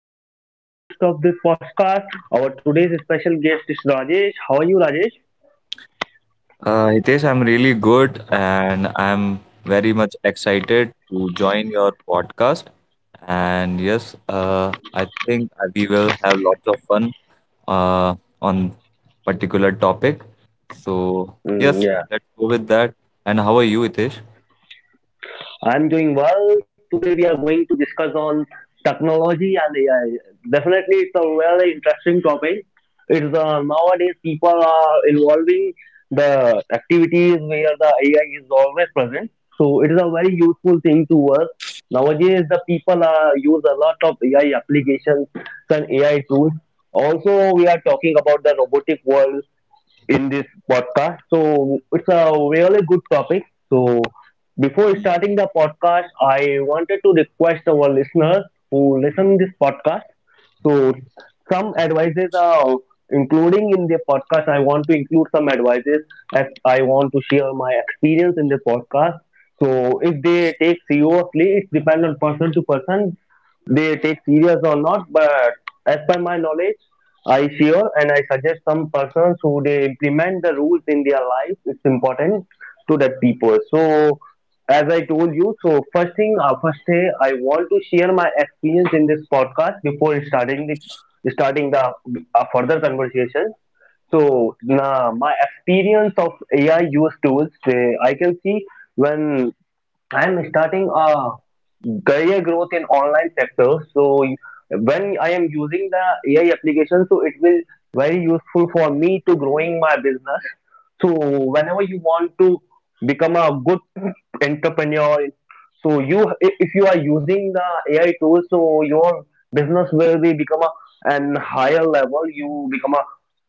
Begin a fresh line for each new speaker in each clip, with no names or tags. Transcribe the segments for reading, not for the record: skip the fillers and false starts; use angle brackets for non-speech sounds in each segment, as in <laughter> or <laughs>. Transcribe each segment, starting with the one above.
Hitesh. I'm the host of this podcast. Our today's special guest is Rajesh. How are you, Rajesh?
Hitesh, I'm really good and I'm very much excited to join your podcast. And yes, I think we will have lots of fun uh, on particular topic. So
Mm,
yes,
yeah,
let's go with that. And how are you, Hitesh?
I'm doing well. Today we are going to discuss on technology and AI. Definitely, it's a very interesting topic. It's Nowadays people are involving the activities where the AI is always present. So it is a very useful thing to us. Nowadays, the people are use a lot of AI applications and AI tools. Also, we are talking about the robotic world in this podcast. So it's a really good topic. So before
Yes.
starting the podcast, I wanted to request our listeners who listen this podcast. So some advices are including in the podcast. I want to include some advices as I want to share my experience in the podcast. So if they take seriously, it depends on person to person. They take serious or not, but as per my knowledge, I sure and I suggest some persons who they implement the rules in their life. It's important to that people. So as I told you, so first thing, first day, I want to share my experience in this podcast before starting the further conversation. So nah, my experience of AI use tools, I can see when I'm starting a career growth in online sector. So when I am using the AI application, so it will very useful for me to growing my business. So whenever you want to become a good entrepreneur, so you if you are using the AI tools, so your business will be become a an higher level. You become a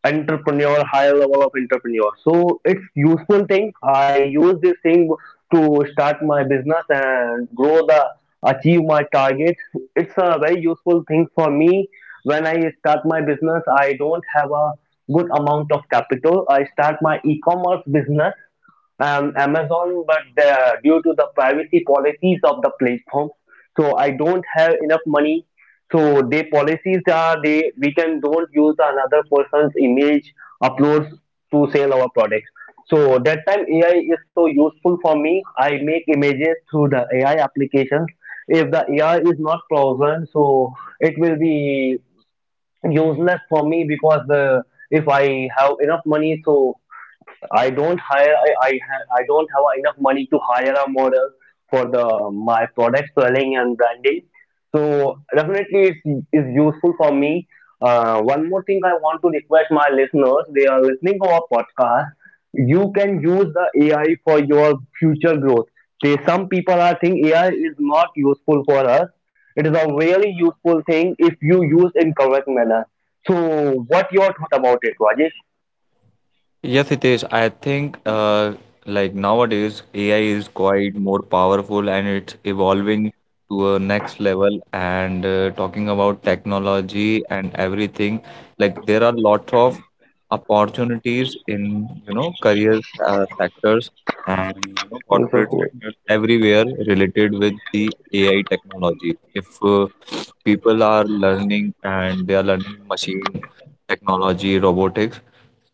entrepreneur, higher level of entrepreneur. So it's useful thing. I use this thing to start my business and grow the achieve my targets. It's a very useful thing for me. When I start my business, I don't have a good amount of capital. I start my e-commerce business Amazon, but the, due to the privacy policies of the platform, so I don't have enough money. So their policies are they we can don't use another person's image uploads to sell our products. So that time AI is so useful for me. I make images through the AI applications. If the AI is not present, so it will be useless for me because if I have enough money, so I don't have enough money to hire a model for the my product selling and branding. So definitely it's is useful for me. One more thing I want to request my listeners, they are listening to our podcast. You can use the AI for your future growth. They, some people are think AI is not useful for us. It is a really useful thing if you use in correct manner. So, what your thought about it, Rajesh?
Yes, it is. I think like nowadays AI is quite more powerful and it's evolving to a next level. And talking about technology and everything, like there are lots of opportunities in you know career sectors and you know
Yes, of
corporate
course.
sectors everywhere related with the AI technology. If people are learning and they are learning machine technology, robotics,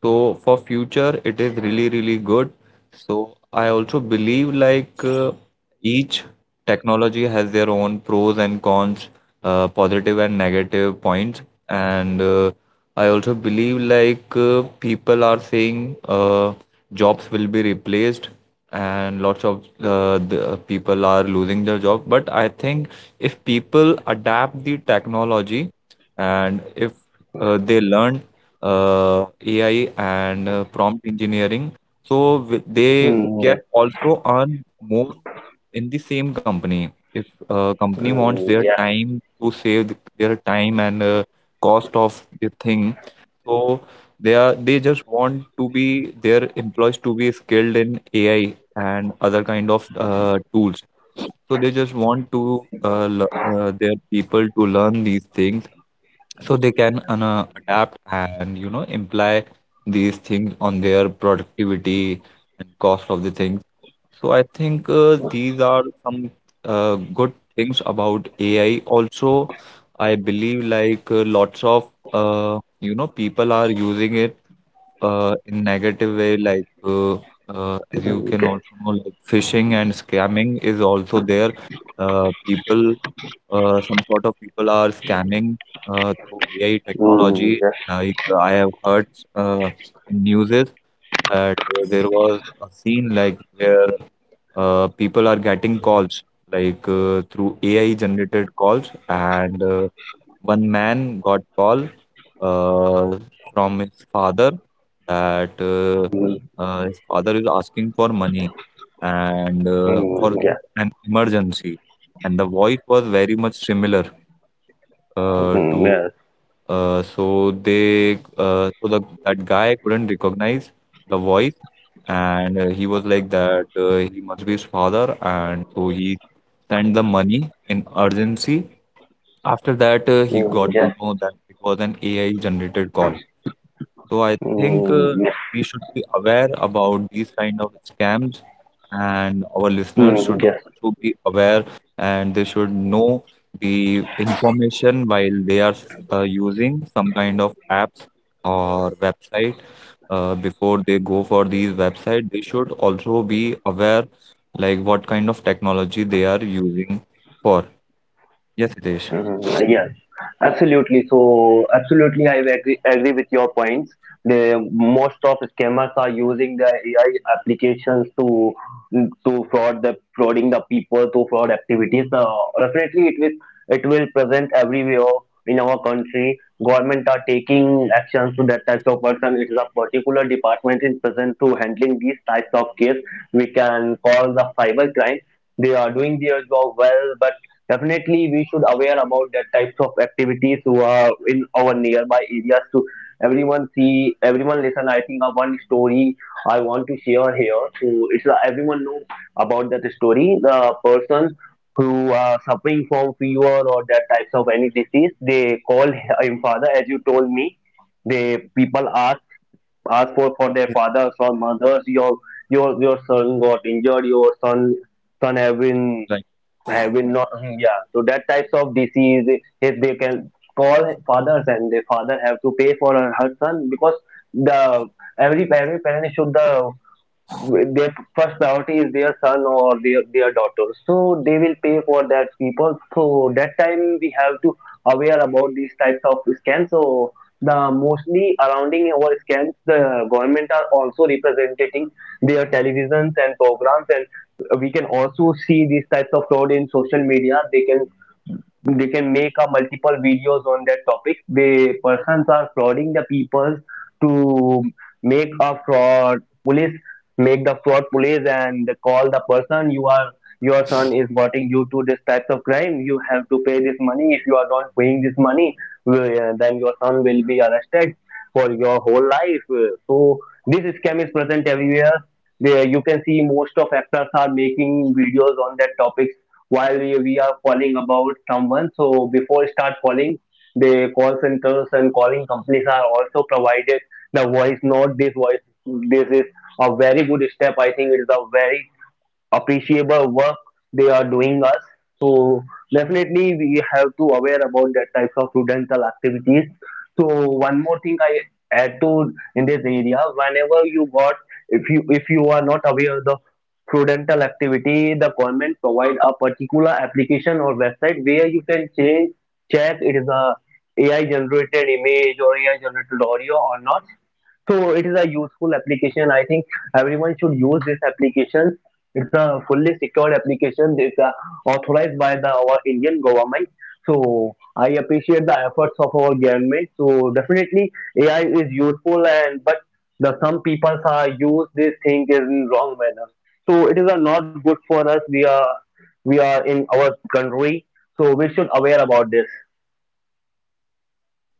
so for future, it is really, really good. So I also believe like each technology has their own pros and cons, positive and negative points. And I also believe like people are saying jobs will be replaced and lots of the people are losing their job. But I think if people adapt the technology and if they learn AI and prompt engineering. So they
Hmm.
can also earn more in the same company. If a company wants
Mm,
their
yeah.
time to save their time and cost of the thing, so they just want to be their employees to be skilled in AI and other kind of tools. So they just want to their people to learn these things so they can no, adapt and you know imply these things on their productivity and cost of the things. So I think these are some uh, good things about AI. Also, I believe like lots of you know people are using it in negative way, like as you
Mm,
can
yeah.
also know, like phishing and scamming is also there. People, some sort of people are scamming through AI
Mm,
technology.
yes.
Like I have heard, uh, in news is that there was a scene like where people are getting calls like through AI generated calls, and one man got call uh, from his father that
Mm,
his father is asking for money and for
mm, yeah.
an emergency, and the voice was very much similar
Mm,
to
yes.
so the that guy couldn't recognize the voice, and he was like that he must be his father, and so he sent the money in urgency. After that, he
Mm,
got to
yes.
know that it was an AI generated call. So I think
Mm, yes.
we should be aware about these kind of scams, and our listeners
Mm,
should
yes.
also be aware, and they should know the information while they are using some kind of apps or website. Before they go for these website, they should also be aware like what kind of technology they are using for. Yes, Hitesh.
Mm, yes, absolutely. So, absolutely, I agree, with your points. The most of scammers are using the AI applications to frauding the people to fraud activities. Definitely, it will present everywhere in our country. Government are taking actions to that types of person. It is a particular department in present to handling these types of case. We can call the cyber crime, they are doing their job well, but definitely we should aware about that types of activities who are in our nearby areas to everyone see everyone listen. I think one story I want to share here. So it's everyone know about that story. The person who are suffering from fever or that types of any disease, they call him father, as you told me. They people ask ask for their fathers or mothers. Your your son got injured. Your son son have been
Yeah.
have been not. Mhm, yeah, so that types of disease, if they can call fathers and their father have to pay for her son, because the every parent should, the their first priority is their son or their daughter, so they will pay for that people. So that time we have to aware about these types of scams. So the mostly surrounding our scams, the government are also representing their televisions and programs, and we can also see these types of fraud in social media. They can make a multiple videos on that topic. The persons are frauding the people to make a fraud police, make the fraud police and call the person. You are your son is getting you to this types of crime, you have to pay this money. If you are not paying this money, then your son will be arrested for your whole life. So this scam is present everywhere. There you can see most of actors are making videos on that topics. While we are calling about someone, so before start calling, the call centers and calling companies are also provided the voice note. This is a very good step. I think it is a very appreciable work they are doing us. So definitely we have to aware about that types of studential activities. So one more thing I add to in this area, whenever you got, if you are not aware of the prudental activity, the government provide a particular application or website where you can check it is a AI generated image or AI generated audio or not. So it is a useful application. I think everyone should use this application. It's a fully secured application. It's authorized by the our Indian government. So I appreciate the efforts of our government. So definitely AI is useful, and but the some people are use this thing in wrong manner. So it is not good for us. We are in our country, so we should aware about this.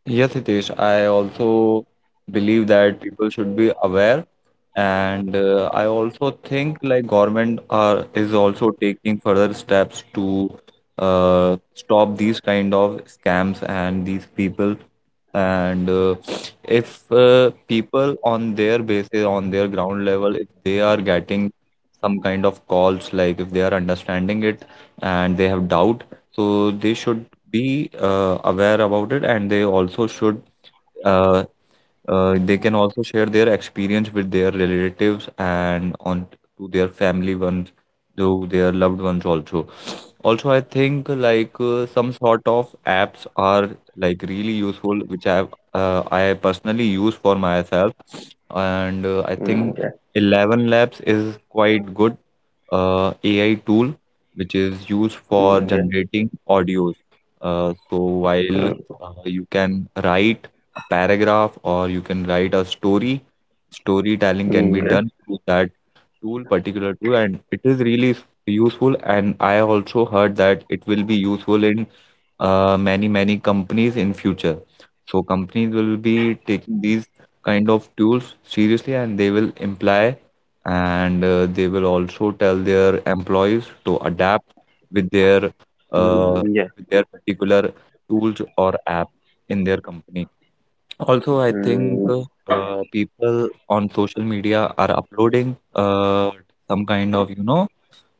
Yes, Hitesh, I also believe that people should be aware, and I also think like government are is also taking further steps to stop these kind of scams and these people. And if people on their basis, on their ground level, if they are getting some kind of calls, like if they are understanding it and they have doubt, so they should be aware about it, and they also should uh, they can also share their experience with their relatives and on to their family ones, to their loved ones. Also, also I think like some sort of apps are like really useful, which I have I personally use for myself. And I
Mm,
think
yeah.
11 labs is quite good AI tool, which is used for
Mm, yeah.
generating audios. So while you can write a paragraph or you can write a story, storytelling can be
Mm, yeah.
done through that tool, particular tool, and it is really useful. And I also heard that it will be useful in many, many companies in future. So companies will be taking these kind of tools seriously, and they will imply, and they will also tell their employees to adapt with their uh,
Mm, yeah. Mm,
with their particular tools or app in their company. Also, I think
yeah.
people on social media are uploading some kind of, you know,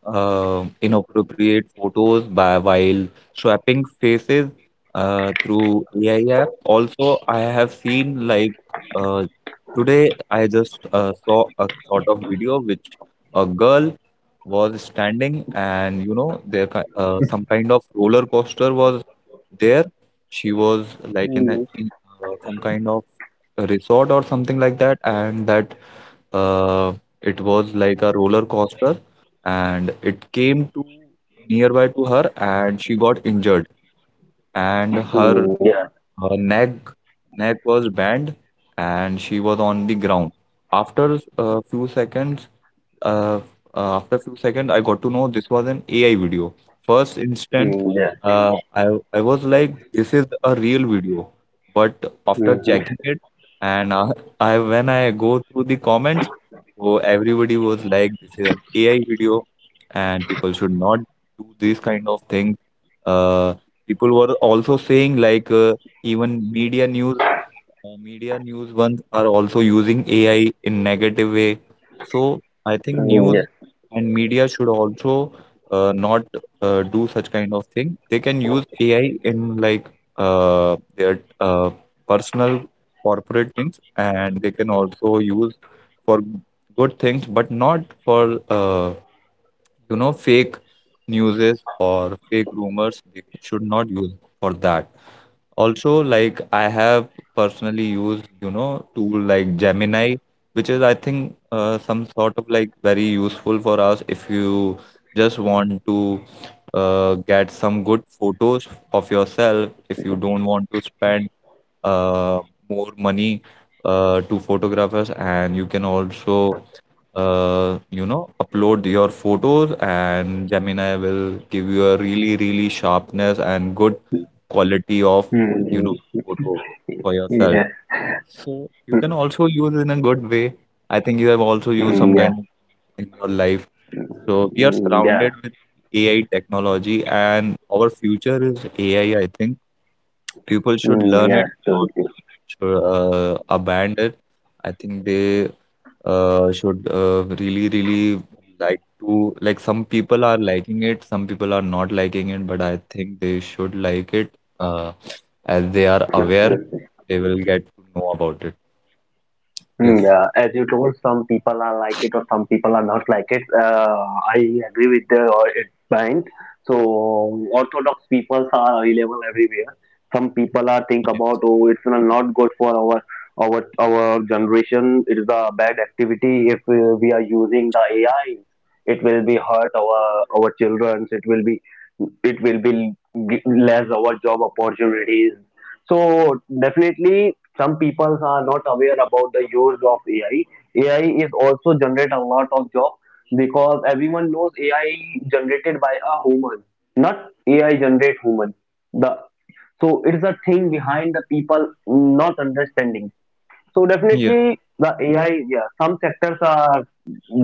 inappropriate photos by while swapping faces through AI app. Also, I have seen like uh, today I just saw a sort of video which a girl was standing, and you know there some kind of roller coaster was there. She was like in, a,
Mm,
in some kind of a resort or something like that, and that uh, it was like a roller coaster, and it came to nearby to her, and she got injured, and her,
mm, yeah,
her neck neck was bent, and she was on the ground. After a few seconds, uh, after few seconds, I got to know this was an AI video. First instant,
mm, yeah,
uh, I I was like, this is a real video. But after
mm,
checking
<laughs>
it, and I when I go through the comments, so everybody was like, this is an AI video, and people should not do these kind of things. Uh, People were also saying like, even media news ones are also using AI in negative way. So I think
mm,
news
yeah,
and media should also not do such kind of thing. They can use AI in like their personal corporate things, and they can also use for good things, but not for you know fake newses or fake rumors. They should not use for that. Also, like I have personally used, you know, tool like Gemini, which is I think some sort of like very useful for us if you just want to get some good photos of yourself, if you don't want to spend uh, more money to photographers. And you can also you know upload your photos, and Gemini will give you a really really sharpness and good quality of
mm,
you know
mm,
photo for yourself.
yeah,
So you can
mm,
also use in a good way. I think you have also used some
mm, yeah,
kind of in your life. So we are
mm, yeah,
surrounded with AI technology, and our future is AI, I think. People should
mm,
learn
yeah,
it,
so, it's.
should abandon it. I think they should really, really like to like, some people are liking it, some people are not liking it, but I think they should like it. Uh, as they are aware, they will get to know about it.
Mm,
Yes.
yeah, as you told, some people are like it or some people are not like it. I agree with the it point. So Orthodox people are available everywhere. Some people are think about oh, it's not good for our our generation. It is a bad activity. If we are using the AI, it will be hurt our children. It will be l- g- less our job opportunities. So definitely, some people are not aware about the use of AI. AI is also generate a lot of job, because everyone knows AI generated by a human, not AI generate human. The So it's a thing behind the people not understanding. So
Yeah.
definitely the AI, yeah, some sectors are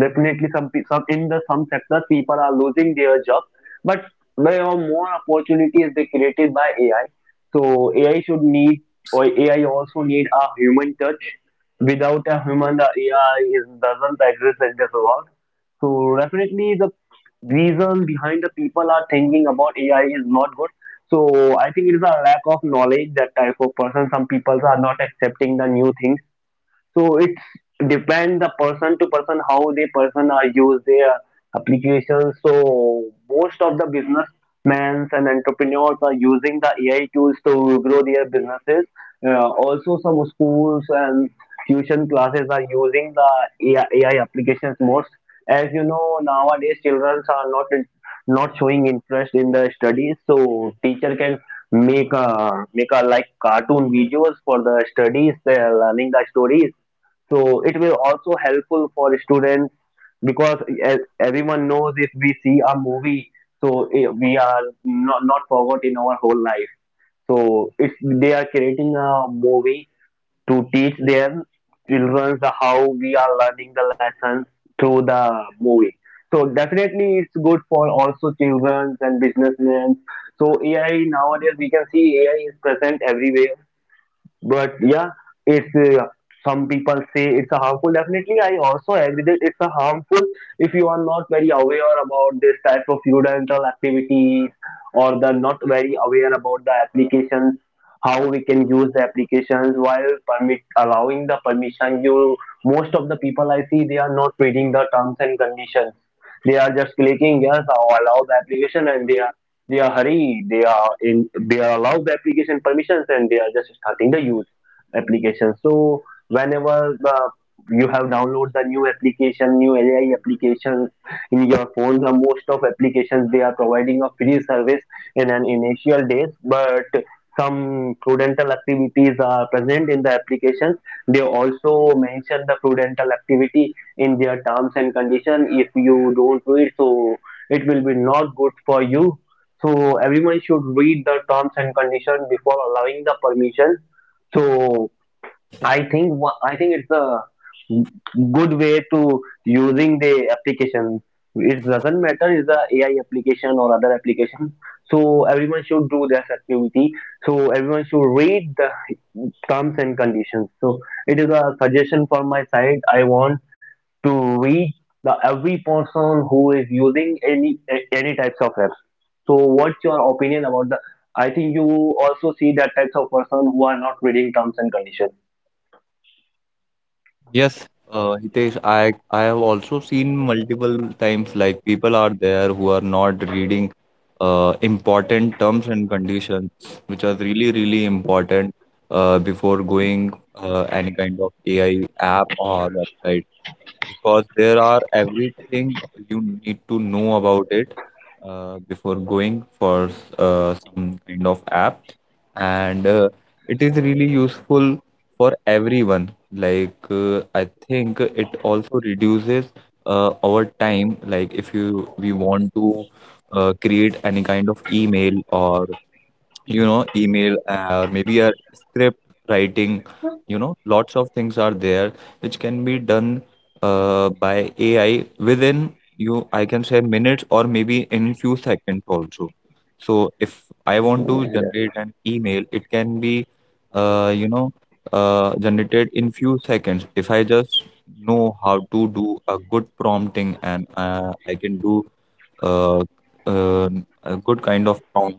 definitely some pe- some in the some sectors people are losing their job, but there are more opportunities they created by AI. So AI should need or AI also need a human touch. Without a human, doesn't exist in this world. So definitely the reason behind the people are thinking about AI is not good. So I think it is a lack of knowledge that type of person. Some people are not accepting the new things, so it depends the person to person how they person are use their applications. So most of the businessmen and entrepreneurs are using the AI tools to grow their businesses. Also, some schools and tuition classes are using the AI, applications most. As you know, nowadays children are not not showing interest in the studies, so teacher can make a like cartoon videos for the studies. They are learning the stories, so it will also helpful for students, because as everyone knows if we see a movie, so we are not forgot in our whole life. So it's they are creating a movie to teach their children the how we are learning the lessons through the movie. So definitely it's good for also children and businessmen. So AI nowadays we can see AI is present everywhere, but yeah, it's some people say it's a harmful. Definitely, I also agree that it's a harmful if you are not very aware about this type of studential activities or the not very aware about the applications, how we can use the applications while permit allowing the permission. You most of the people I see they are not reading the terms and conditions. They are just clicking yes, I'll allow the application, and they are hurry they are allowed the application permissions, and they are just starting the use application. So whenever the you have download the new application, new AI applications in your phone, the most of applications they are providing a free service in an initial days. But some prudential activities are present in the applications. They also mention the prudential activity in their terms and condition. If you don't do it, so it will be not good for you. So everyone should read the terms and conditions before allowing the permission. So I think I think it's a good way to using the application. It doesn't matter is a AI application or other application. So everyone should do this activity. So everyone should read the terms and conditions. So it is a suggestion from my side. I want to reach the every person who is using any types of apps. So what's your opinion about the, I think you also see that types of person who are not reading terms and conditions?
Yes, Hitesh, I have also seen multiple times like people are there who are not reading important terms and conditions, which are really really important before going any kind of AI app or website, because there are everything you need to know about it before going for some kind of app. And it is really useful for everyone. Like I think it also reduces our time, like if you we want to create any kind of email, or you know email, or maybe a script writing, you know lots of things are there which can be done by AI within you I can say minutes or maybe in few seconds also. So if I want to generate an email, it can be you know generated in few seconds if I just know how to do a good prompting. And I can do uh, uh, a good kind of prompt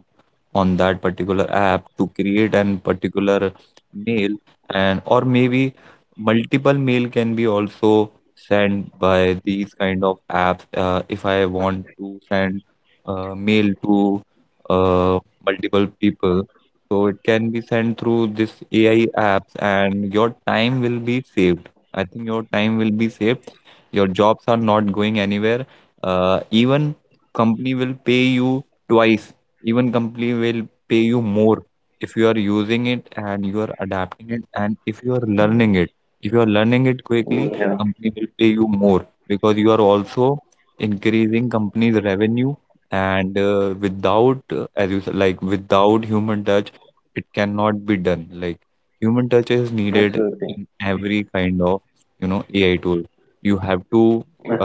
on that particular app to create an particular mail. And or maybe multiple mail can be also sent by these kind of apps if I want to send mail to uh, multiple people, so it can be sent through this AI apps, and your time will be saved. I think your time will be saved, your jobs are not going anywhere. Even company will pay you twice, even company will pay you more if you are using it, and you are adapting it, and if you are learning it, if you are learning it quickly,
Mm, yeah.
company will pay you more, because you are also increasing company's revenue. And without as you said, like without human touch it cannot be done. Like human touch is needed
Absolutely.
in every kind of you know AI tool. You have to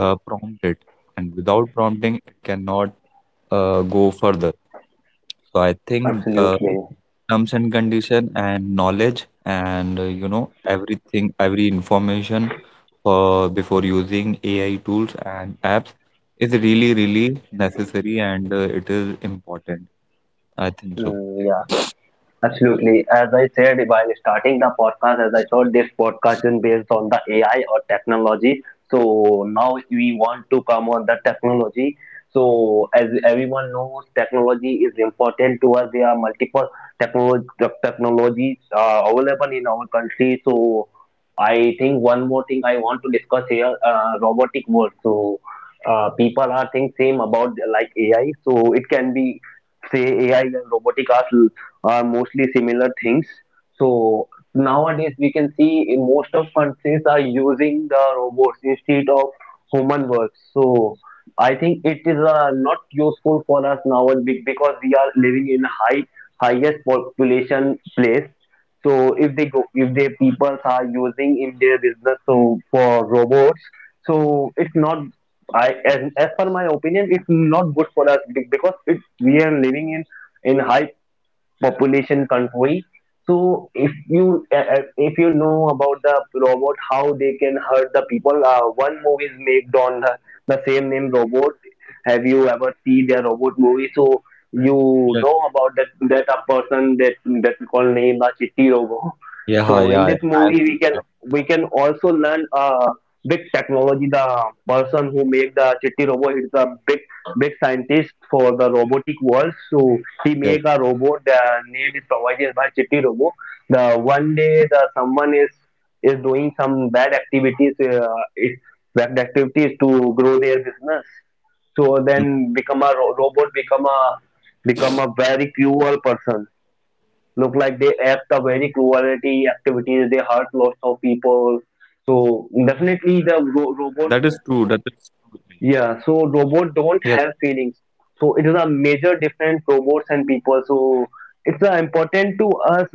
prompt it, and without prompting cannot go further. So I think
absolutely.
terms and condition and knowledge and you know everything, every information for before using AI tools and apps is really really necessary, and it is important. I think so.
Mm, yeah. Absolutely. As I said while starting the podcast, as I thought this podcast is based on the AI or technology. So now we want to come on the technology. So as everyone knows, technology is important to us. There are multiple technolo- technologies available in our country. So I think one more thing I want to discuss here, robotic work. So people are think same about like AI. So it can be say AI and robotic arts are mostly similar things. So nowadays we can see in most of countries are using the robots instead of human work. So I think it is not useful for us now because we are living in highest population place. So if they go, if their people are using in their business so for robots, so it's not, I as per my opinion it's not good for us because it we are living in high population control. So if you know about the robot, how they can hurt the people. One movie is made on the same name robot. Have you ever seen the robot movie? So you know about that that a person that that called name the Chitti robot.
Yeah,
So in
yeah, yeah.
this
I've
movie,
seen that.
we can also learn big technology. The person who make the Chitti robot is a big scientist for the robotic world. So he
Yes.
make a robot. The name is provided by Chitti robot. The one day the someone is doing some bad activities. It, bad activities to grow their business. So
Mm,
then become a robot become a become a very cruel person, look like they act the very cruelty activities. They hurt lots of people. So
that is
definitely
true.
the
That is
robot,
true.
yeah. So
Yes.
robot don't have feelings. So it is a major different robots and people. So it's important to us.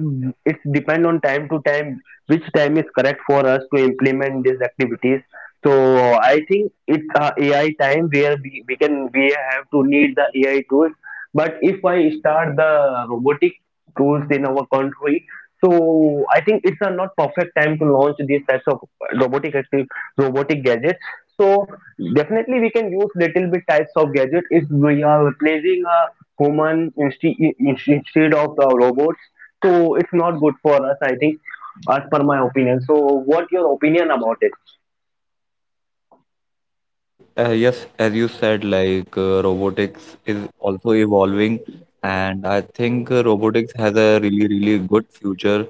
It's depend on time to time which time is correct for us to implement these activities. So I think it's a AI time where we have to need the AI tools. But if I start the robotic tools in our country. So I think it's a not perfect time to launch these types of robotic active robotic gadgets. So definitely we can use little bit types of gadget if we are replacing a human instead of the robots. So it's not good for us. I think, as per my opinion. So what your opinion about it?
As you yes, as you said, like robotics is also evolving, and I think robotics has a really, really good future.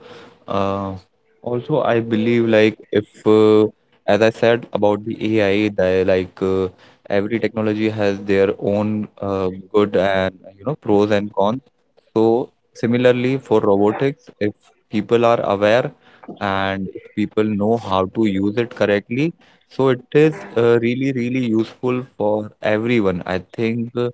Uh, also, I believe like if, as I said about the AI, that every technology has their own good and pros and cons. So, similarly, for robotics, if people are aware and if people know how to use it correctly, so it is really, really useful for everyone. I think uh,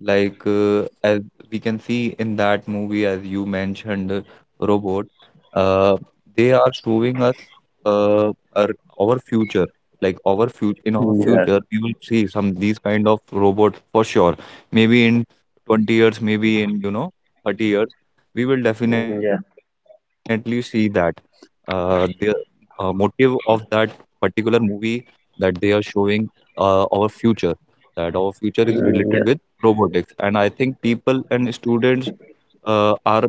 like, uh, as we can see in that movie, as you mentioned, Robot, uh, they are showing us uh, our, our future. In our
Yeah.
future, we will see some these kind of robots for sure. Maybe in 20 years, maybe in, 30 years, we will definitely
Yeah.
see that. There motive of that particular movie, that they are showing our future, that our future is related
Yeah.
with robotics. And I think people and students are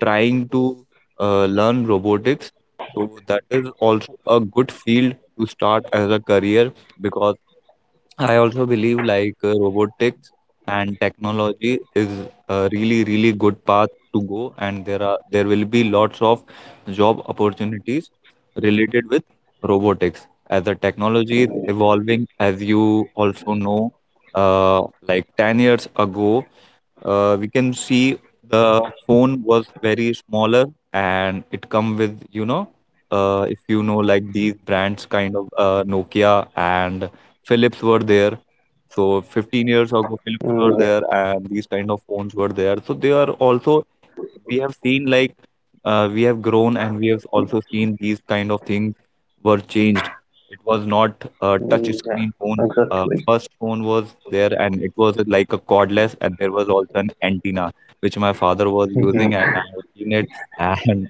trying to learn robotics. So that is also a good field to start as a career, because I also believe robotics and technology is a really really good path to go, and there will be lots of job opportunities related with robotics as the technology is evolving. As you also know, like 10 years ago, we can see the phone was very smaller and it come with if you know like these brands kind of Nokia and Philips were there, so 15 years
Mm,
ago
yeah.
Philips were there and these kind of phones were there, so they are also, we have seen like we have grown and we have also seen these kind of things were changed. It was not a
Mm,
touch
yeah.
screen phone. Uh,
Exactly.
first phone was there and it was like a cordless and there was also an antenna which my father was using and I have seen it <laughs> and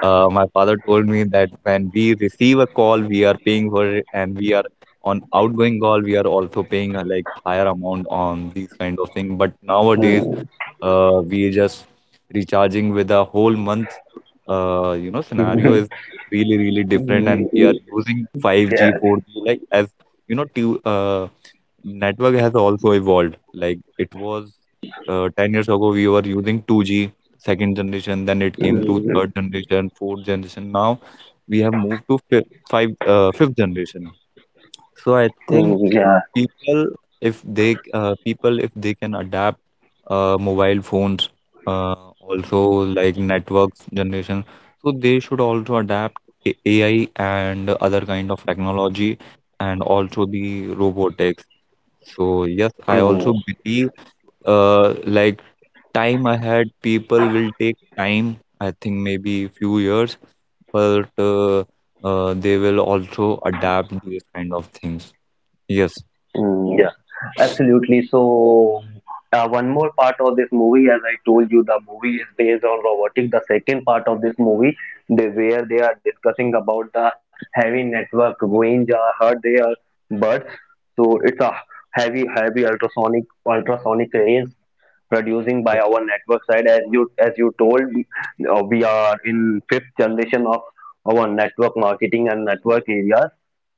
my father told me that when we receive a call we are paying for it, and we are on outgoing call we are also paying a like higher amount on these kind of thing, but nowadays
<laughs>
we just recharging with a whole month. Scenario is really, really different, and
Mm.
we are
<laughs>
using
Yeah.
5G, 4G, like as you know, network has also evolved. Like it was 10 years ago, we were using 2G, second generation, then it came to
Mm,
third generation, fourth generation. Now we have moved to fifth generation. So I think
mm, yeah.
people if they people if they can adapt mobile phones uh, also like networks generation, so they should also adapt AI and other kind of technology and also the robotics. So yes,
Yeah.
I
Mm,
also believe uh, like time ahead, people will take time, I think maybe few years, but they will also adapt these kind of things. Yes,
mm, yeah. Absolutely. So, one more part of this movie, as I told you, the movie is based on robotic. The second part of this movie, they where they are discussing about the heavy network range hurt their birds. So it's a heavy, heavy ultrasonic, ultrasonic range producing by our network side. As you told, we are in fifth generation of our network marketing and network areas.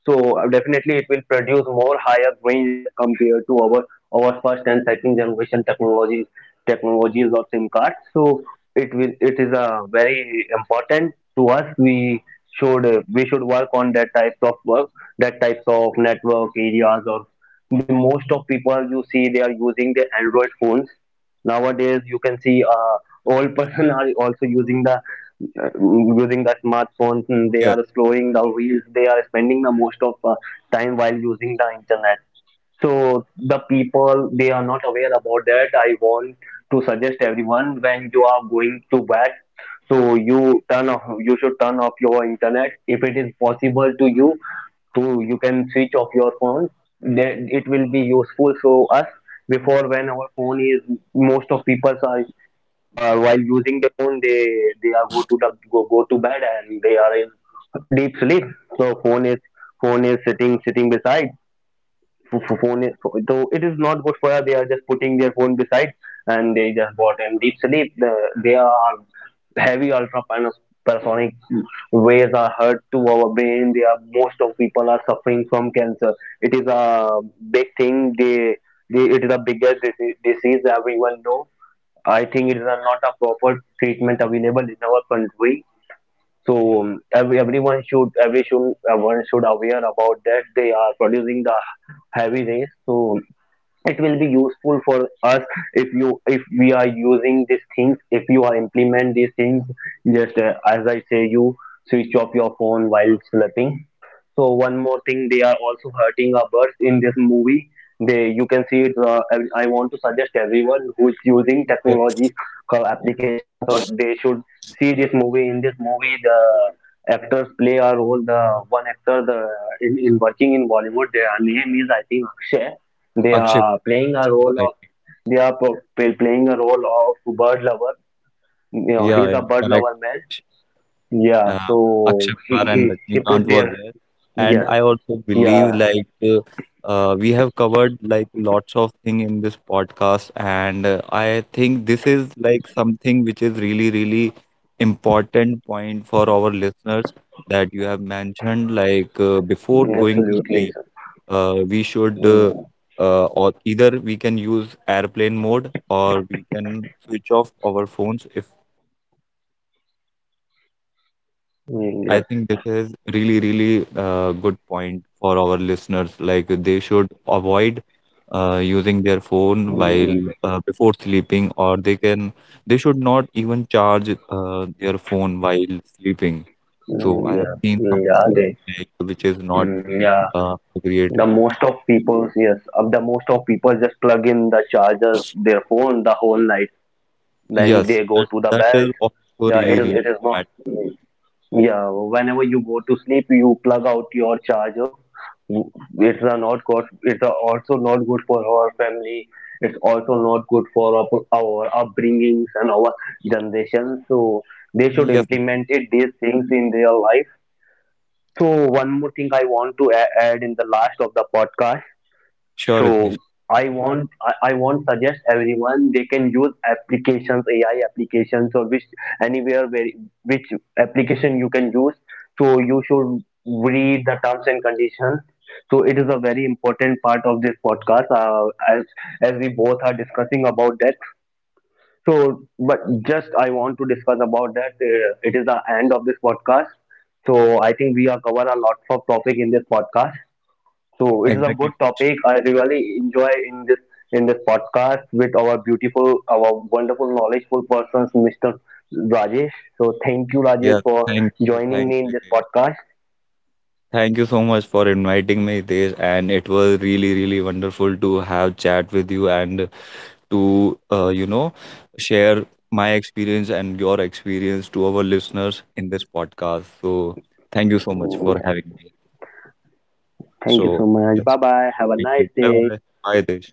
So definitely it will produce more higher range as compared to our first and second generation technologies of SIM cards. So it is a very important to us. We should work on that types of work, that types of network areas, or the most of people you see they are using the Android phones. Nowadays, you can see old <laughs> person are also using the smartphones. And they
yeah.
are slowing the wheels. They are spending the most of time while using the internet. So the people they are not aware about that. I want to suggest everyone, when you are going to bed, so you turn off. You should turn off your internet. If it is possible to you, to you can switch off your phone, then it will be useful for us. Before, when our phone is, most of people are while using the phone, they are go to the, go, go to bed and they are in deep sleep. So phone is sitting beside, phone is, though it is not good for her, they are just putting their phone beside and they just bought in deep sleep. The they are heavy ultrapanosonic waves are hurt to our brain. They are most of people are suffering from cancer. It is a big thing. They it is a biggest disease everyone know. I think it is a, not a proper treatment available in our country. So everyone should everyone should aware about that they are producing the heavy rays. So it will be useful for us if you if we are using these things, if you are implement these things, just as I say you, switch off your phone while sleeping. So one more thing, they are also hurting our birds in this movie. They you can see it. I want to suggest everyone who is using
Yes,
technology applications or, they should see this movie. In this movie, the actors play a role, the one actor, the in working in Bollywood, their name is, I think, Akshay. They
Akshay
are
Kumar,
playing a role of,
exactly.
they are playing a role of bird lover. You know,
Yeah,
he's
yeah,
a bird
correct.
lover man. Yeah,
Uh,
so
Akshay Kumar and
he
Rajnikant
put
were
their
there, and
yes,
I also believe
yeah,
we have covered like lots of thing in this podcast, and I think this is like something which is really, really important point for our listeners, that you have mentioned before going to
absolutely,
sleep,
sir.
we should
Mm,
or either we can use airplane mode or we can switch off our phones. If
mm,
I
yes,
think this is really, really good point for our listeners. Like they should avoid using their phone
mm,
while before sleeping, or they should not even charge their phone while sleeping.
mm,
So I have
yeah,
seen
mm, yeah,
something
they,
like, which is not
mm, yeah.
appropriate.
The most of people, yes, of the most of people just plug in the chargers, their phone the whole night. Then
Yes,
they go
that
to the
that
bed.
is also
Yeah, it
really,
is.
really
It is not.
bad.
Yeah, whenever you go to sleep, you plug out your charger. It's a not good. It's a also not good for our family. It's also not good for our upbringings and our generation. So they should
Yes,
implement it, these things in their life. So one more thing I want to add in the last of the podcast.
sure, Ritesh.
So I want suggest everyone they can use applications, AI applications, or which anywhere where which application you can use. So you should read the terms and conditions. So it is a very important part of this podcast, as as we both are discussing about that. So but just I want to discuss about that. It is the end of this podcast. So I think we are cover a lot of topic in this podcast. So it is a good
Exactly, Ritesh.
topic. I really enjoy in this podcast with our beautiful, our wonderful, knowledgeable persons, Mr. Rajesh. So thank you, Rajesh,
Yes,
for joining
thank
me in
you,
this
Ritesh.
podcast.
Thank you so much for inviting me, Tej, and it was really, really wonderful to have chat with you and to, share my experience and your experience to our listeners in this podcast. So, thank you so much
Mm,
for having me.
thank you so
So,
much. Bye
yes,
bye. Have a
thank you.
nice
Bye
day.
bye. Bye, Tej.